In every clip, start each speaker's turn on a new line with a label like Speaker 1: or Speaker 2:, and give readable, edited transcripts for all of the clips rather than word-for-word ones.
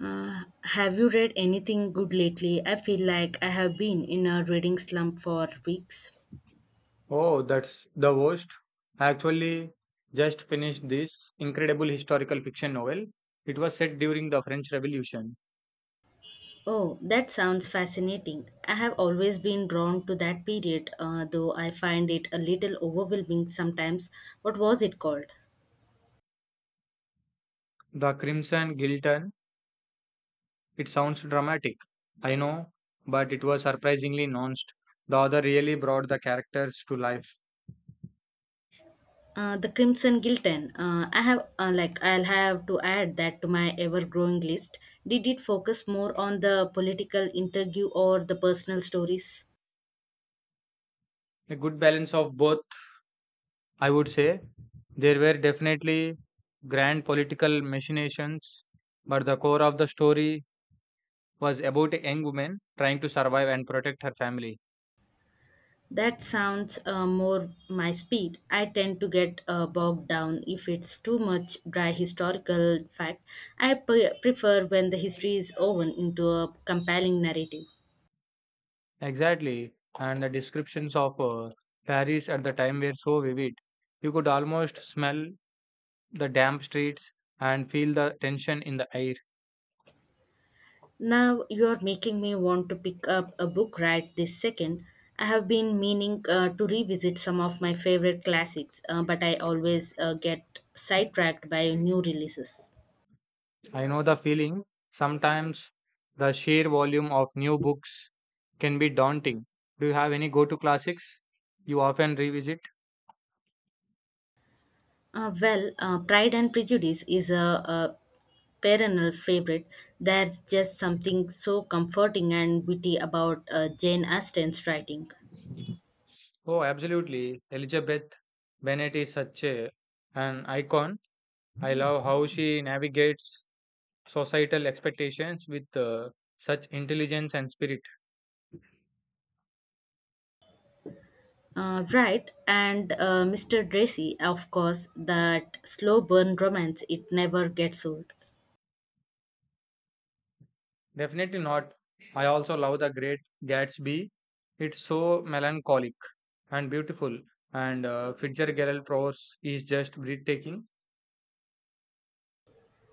Speaker 1: Uh, have you read anything good lately? I feel like I have been in a reading slump for weeks.
Speaker 2: Oh, that's the worst. I actually just finished this incredible historical fiction novel. It was set during the French Revolution.
Speaker 1: Oh, that sounds fascinating. I have always been drawn to that period, though I find it a little overwhelming sometimes. What was it called?
Speaker 2: The Crimson Guillotine. It sounds dramatic, I know, but it was surprisingly nuanced. The author really brought the characters to life.
Speaker 1: The Crimson Gilton. I'll have to add that to my ever-growing list. Did it focus more on the political interview or the personal stories?
Speaker 2: A good balance of both, I would say. There were definitely grand political machinations, but the core of the story was about a young woman trying to survive and protect her family.
Speaker 1: That sounds more my speed. I tend to get bogged down if it's too much dry historical fact. Prefer when the history is woven into a compelling narrative.
Speaker 2: Exactly, and the descriptions of Paris at the time were so vivid. You could almost smell the damp streets and feel the tension in the air.
Speaker 1: Now you're making me want to pick up a book right this second. I have been meaning to revisit some of my favorite classics, but I always get sidetracked by new releases.
Speaker 2: I know the feeling. Sometimes the sheer volume of new books can be daunting. Do you have any go to classics you often revisit?
Speaker 1: Pride and Prejudice is a perennial favorite. There's just something so comforting and witty about Jane Austen's writing.
Speaker 2: Oh, absolutely. Elizabeth Bennet is an icon. I love how she navigates societal expectations with such intelligence and spirit.
Speaker 1: Right, and Mr. Tracy, of course, that slow burn romance, it never gets old.
Speaker 2: Definitely not. I also love The Great Gatsby. It's so melancholic and beautiful, and Fitzgerald prose is just breathtaking.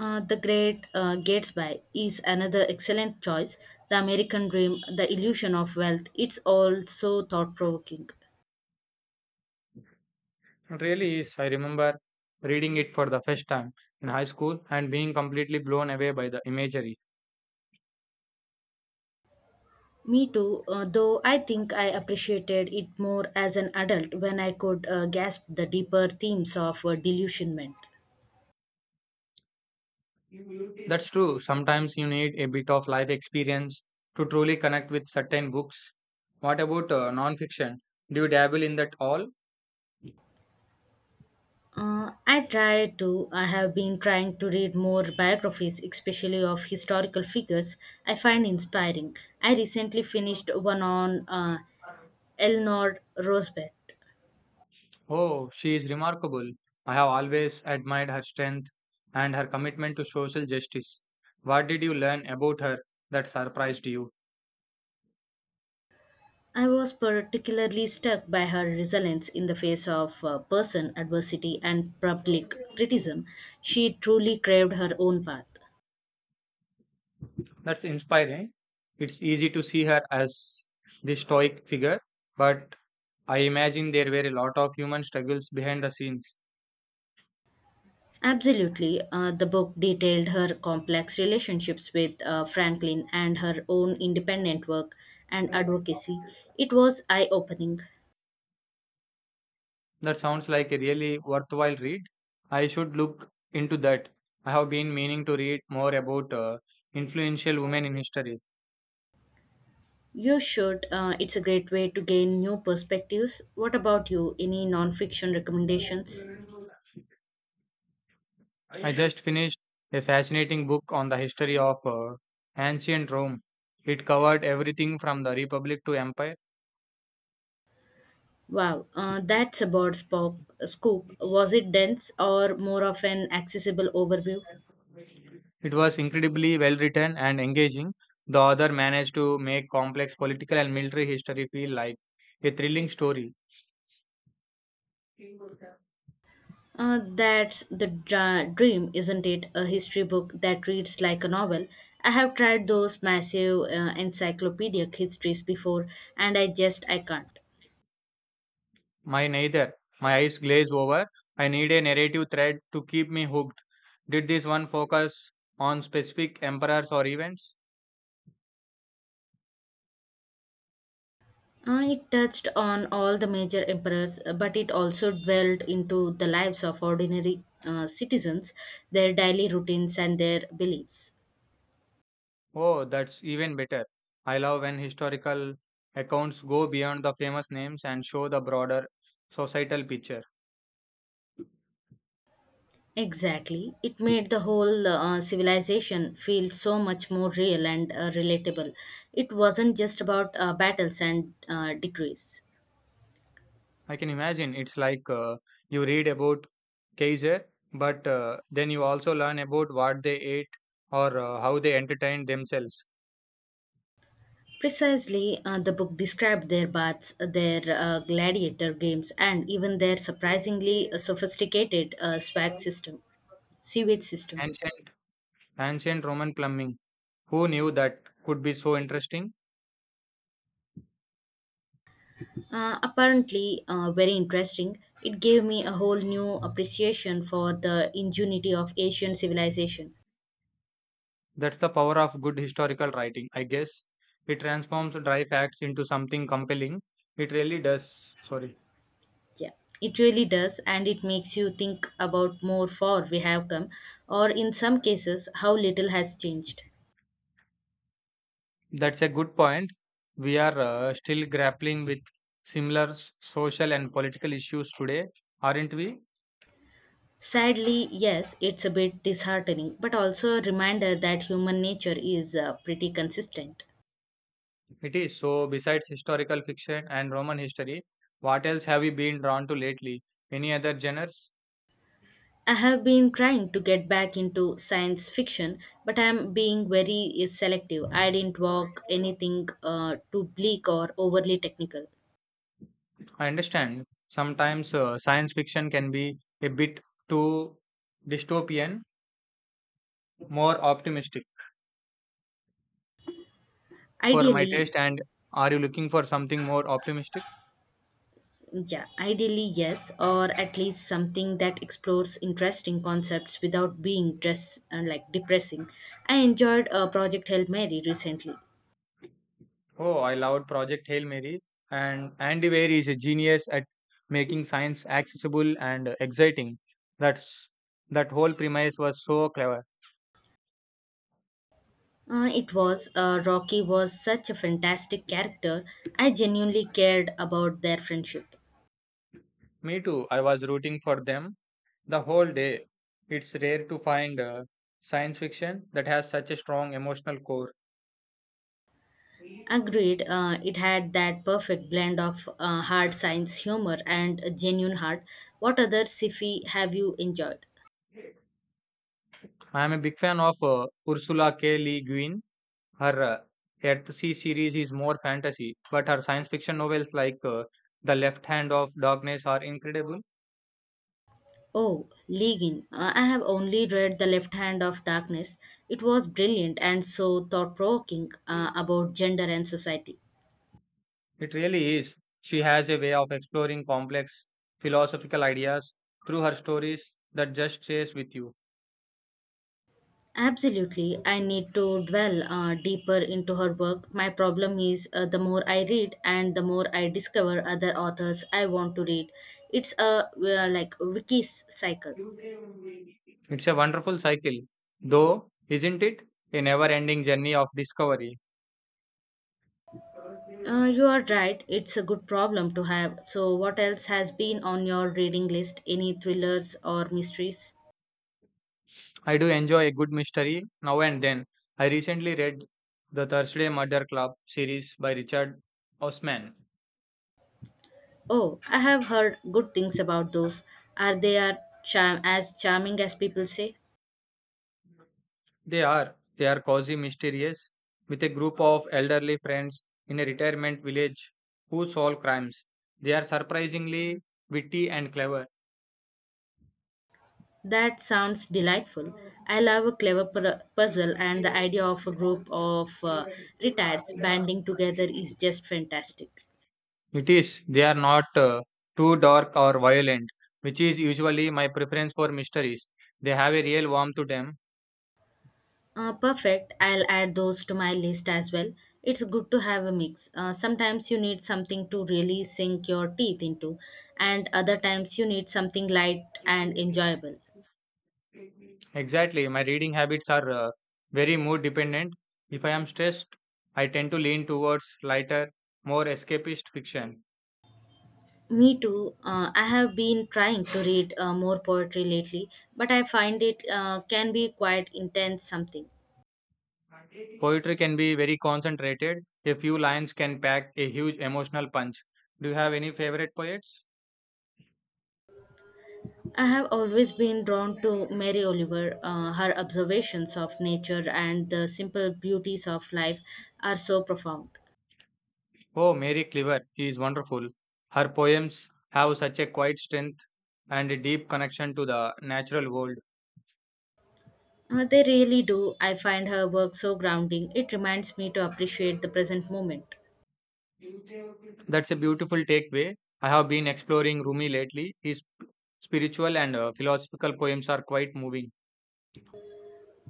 Speaker 1: The Great Gatsby is another excellent choice. The American Dream, The Illusion of Wealth, it's all so thought provoking.
Speaker 2: It really is. I remember reading it for the first time in high school and being completely blown away by the imagery.
Speaker 1: Me too, though I think I appreciated it more as an adult when I could grasp the deeper themes of delusionment.
Speaker 2: That's true. Sometimes you need a bit of life experience to truly connect with certain books. What about non-fiction? Do you dabble in that all?
Speaker 1: I have been trying to read more biographies, especially of historical figures I find inspiring. I recently finished one on Eleanor Roosevelt.
Speaker 2: Oh, she is remarkable. I have always admired her strength and her commitment to social justice. What did you learn about her that surprised you?
Speaker 1: I was particularly struck by her resilience in the face of person adversity and public criticism. She truly craved her own path.
Speaker 2: That's inspiring. It's easy to see her as the stoic figure, but I imagine there were a lot of human struggles behind the scenes.
Speaker 1: Absolutely. The book detailed her complex relationships with Franklin and her own independent work and advocacy. It was eye opening.
Speaker 2: That sounds like a really worthwhile read. I should look into that. I have been meaning to read more about influential women in history.
Speaker 1: You should. It's a great way to gain new perspectives. What about you? Any non fiction recommendations?
Speaker 2: I just finished a fascinating book on the history of ancient Rome. It covered everything from the Republic to Empire.
Speaker 1: Wow, that's about Spock Scoop. Was it dense or more of an accessible overview?
Speaker 2: It was incredibly well written and engaging. The author managed to make complex political and military history feel like a thrilling story.
Speaker 1: Dream, isn't it? A history book that reads like a novel. I have tried those massive encyclopedic histories before, and I just I can't.
Speaker 2: My neither. My eyes glaze over. I need a narrative thread to keep me hooked. Did this one focus on specific emperors or events?
Speaker 1: It touched on all the major emperors, but it also dwelled into the lives of ordinary citizens, their daily routines, and their beliefs.
Speaker 2: Oh, that's even better. I love when historical accounts go beyond the famous names and show the broader societal picture.
Speaker 1: Exactly. It made the whole civilization feel so much more real and relatable. It wasn't just about battles and degrees.
Speaker 2: I can imagine it's like you read about Kaiser, but then you also learn about what they ate or how they entertained themselves.
Speaker 1: Precisely, the book described their baths, their gladiator games, and even their surprisingly sophisticated sewage system.
Speaker 2: Ancient, ancient Roman plumbing. Who knew that could be so interesting?
Speaker 1: Apparently, very interesting. It gave me a whole new appreciation for the ingenuity of Asian civilization.
Speaker 2: That's the power of good historical writing, I guess. It transforms dry facts into something compelling. It really does. Sorry.
Speaker 1: Yeah, it really does, and it makes you think about more far we have come, or in some cases, how little has changed.
Speaker 2: That's a good point. We are still grappling with social and political issues today, aren't we?
Speaker 1: Sadly, yes, it's a bit disheartening, but also a reminder that human nature is pretty consistent.
Speaker 2: It is. So, besides historical fiction and Roman history, what else have you been drawn to lately? Any other genres?
Speaker 1: I have been trying to get back into science fiction, but I'm being very selective. I didn't walk anything too bleak or overly technical.
Speaker 2: I understand. Sometimes science fiction can be a bit too dystopian, more optimistic for my
Speaker 1: Ideally,
Speaker 2: taste. And are you looking for something more optimistic?
Speaker 1: yeah, ideally, yes, or at least something that explores interesting concepts without being dress, like depressing. I enjoyed Project Hail Mary recently.
Speaker 2: Oh, I loved Project Hail Mary, and Andy Weir is a genius at making science accessible and exciting. That's that whole premise was so clever.
Speaker 1: It was Rocky was such a fantastic character. I genuinely cared about their friendship.
Speaker 2: Me too. I was rooting for them the whole day. It's rare to find science fiction that has such a strong emotional core.
Speaker 1: Agreed, it had that perfect blend of hard science humor and a genuine heart. What other sci-fi have you enjoyed?
Speaker 2: I am a big fan of Ursula K. Le Guin. Her Earthsea series is more fantasy, but her science fiction novels like The Left Hand of Darkness are incredible.
Speaker 1: Oh, Legin. I have only read The Left Hand of Darkness. It was brilliant and so thought provoking
Speaker 2: It
Speaker 1: about gender and society.
Speaker 2: really is. She has a way of exploring complex philosophical ideas through her stories that just stays with you.
Speaker 1: Absolutely, I need to dwell deeper into her work. My problem is the more I read and the more I discover other authors I want to read. It's a wikis cycle.
Speaker 2: It's a wonderful cycle, though, isn't it? A never ending journey of discovery.
Speaker 1: You are right, it's a good problem to have. So, what else has been on your reading list? Any thrillers or mysteries?
Speaker 2: I do enjoy a good mystery now and then. I recently read the Thursday Murder Club series by Richard Osman.
Speaker 1: Oh, I have heard good things about those. Are they are charm- as charming as people say?
Speaker 2: They are. They are cozy mysterious, with a group of elderly friends in a retirement village who solve crimes. They are surprisingly witty and clever.
Speaker 1: That sounds delightful. I love a puzzle, and the idea of a group of retards banding together is just fantastic.
Speaker 2: It is. They are not too dark or violent, which is usually my preference for mysteries. They have a real warmth to them.
Speaker 1: Perfect. I'll add those to my list as well. It's good to have a mix. Sometimes you need something to really sink your teeth into, and other times you need something light and enjoyable.
Speaker 2: Exactly. My reading habits are very mood dependent. If I am stressed, I tend to lean towards lighter, more escapist fiction.
Speaker 1: Me too. I have been trying to read more poetry lately, but I find it can be quite intense something.
Speaker 2: Poetry can be very concentrated. A few lines can pack a huge emotional punch. Do you have any favorite poets?
Speaker 1: I have always been drawn to Mary Oliver. Her observations of nature and the simple beauties of life are so profound.
Speaker 2: Oh, Mary Cleaver is wonderful. Her poems have such a quiet strength and a deep connection to the natural world.
Speaker 1: They really do. I find her work so grounding. It reminds me to appreciate the present moment.
Speaker 2: That's a beautiful takeaway. I have been exploring Rumi lately. His spiritual and philosophical poems are quite moving.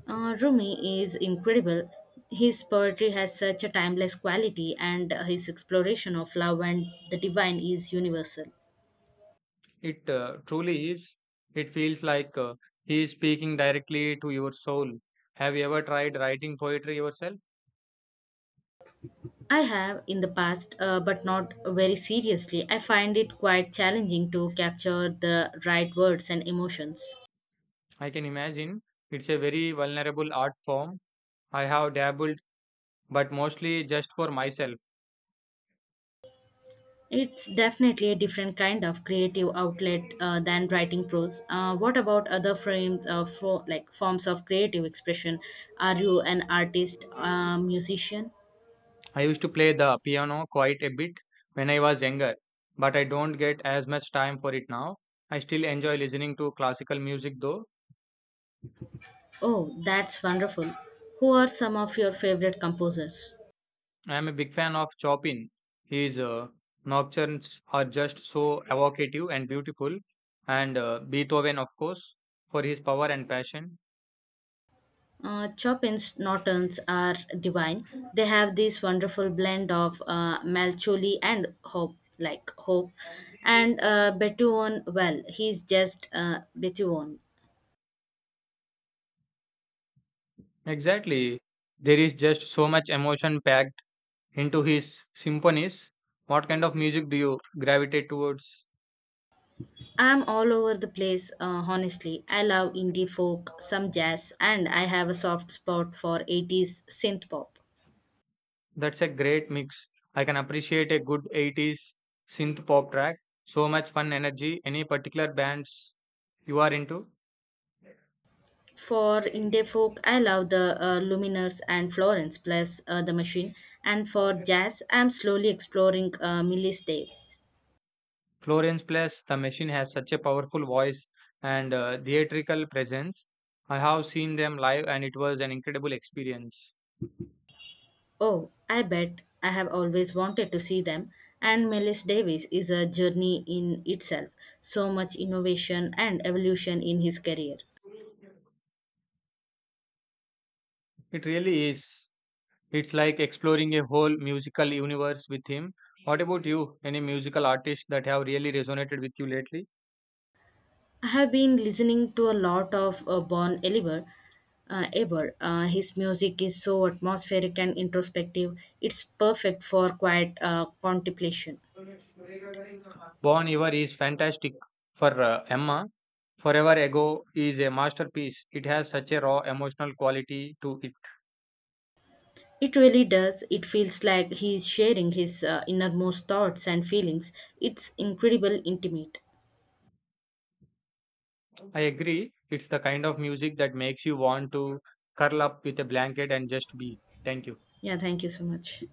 Speaker 1: Rumi is incredible. His poetry has such a timeless quality, and his exploration of love and the divine is universal.
Speaker 2: It truly is. It feels like he is speaking directly to your soul. Have you ever tried writing poetry yourself?
Speaker 1: I have in the past, but not very seriously. I find it quite challenging to capture the right words and emotions.
Speaker 2: I can imagine it's a very vulnerable art form. I have dabbled, but mostly just for myself.
Speaker 1: It's definitely a different kind of creative outlet than writing prose. What about other frame, for, like forms of creative expression? Are you an artist, musician?
Speaker 2: I used to play the piano quite a bit when I was younger, but I don't get as much time for it now. I still enjoy listening to classical music though.
Speaker 1: Oh, that's wonderful. Who are some of your favorite composers?
Speaker 2: I am a big fan of Chopin. His nocturnes are just so evocative and beautiful, and Beethoven, of course, for his power and passion.
Speaker 1: Chopin's Nocturnes are divine. They have this wonderful blend of Malcholi and Hope, and Beethoven. Well, he's just Beethoven.
Speaker 2: Exactly. There is just so much emotion packed into his symphonies. What kind of music do you gravitate towards?
Speaker 1: I'm all over the place, honestly. I love indie folk, some jazz, and I have a soft spot for 80s synth pop.
Speaker 2: That's a great mix. I can appreciate a good 80s synth pop track. So much fun energy. Any particular bands you are into?
Speaker 1: For indie folk, I love the Lumineers and Florence plus the Machine. And for jazz, I'm slowly exploring Millis Davis.
Speaker 2: Florence Plus, the machine has such a powerful voice and theatrical presence. I have seen them live and it was an incredible experience.
Speaker 1: Oh, I bet I have always wanted to see them. And Millis Davis is a journey in itself. So much innovation and evolution in his career.
Speaker 2: It really is. It's like exploring a whole musical universe with him. What about you? Any musical artists that have really resonated with you lately?
Speaker 1: I have been listening to a lot of Bon Oliver ever. His music is so atmospheric and introspective. It's perfect for quiet contemplation.
Speaker 2: Bon Iver is fantastic for Emma. Forever Ago is a masterpiece. It has such a raw emotional quality to it.
Speaker 1: It really does. It feels like he is sharing his innermost thoughts and feelings. It's incredible intimate.
Speaker 2: I agree. It's the kind of music that makes you want to curl up with a blanket and just be. Thank you.
Speaker 1: Yeah, thank you so much.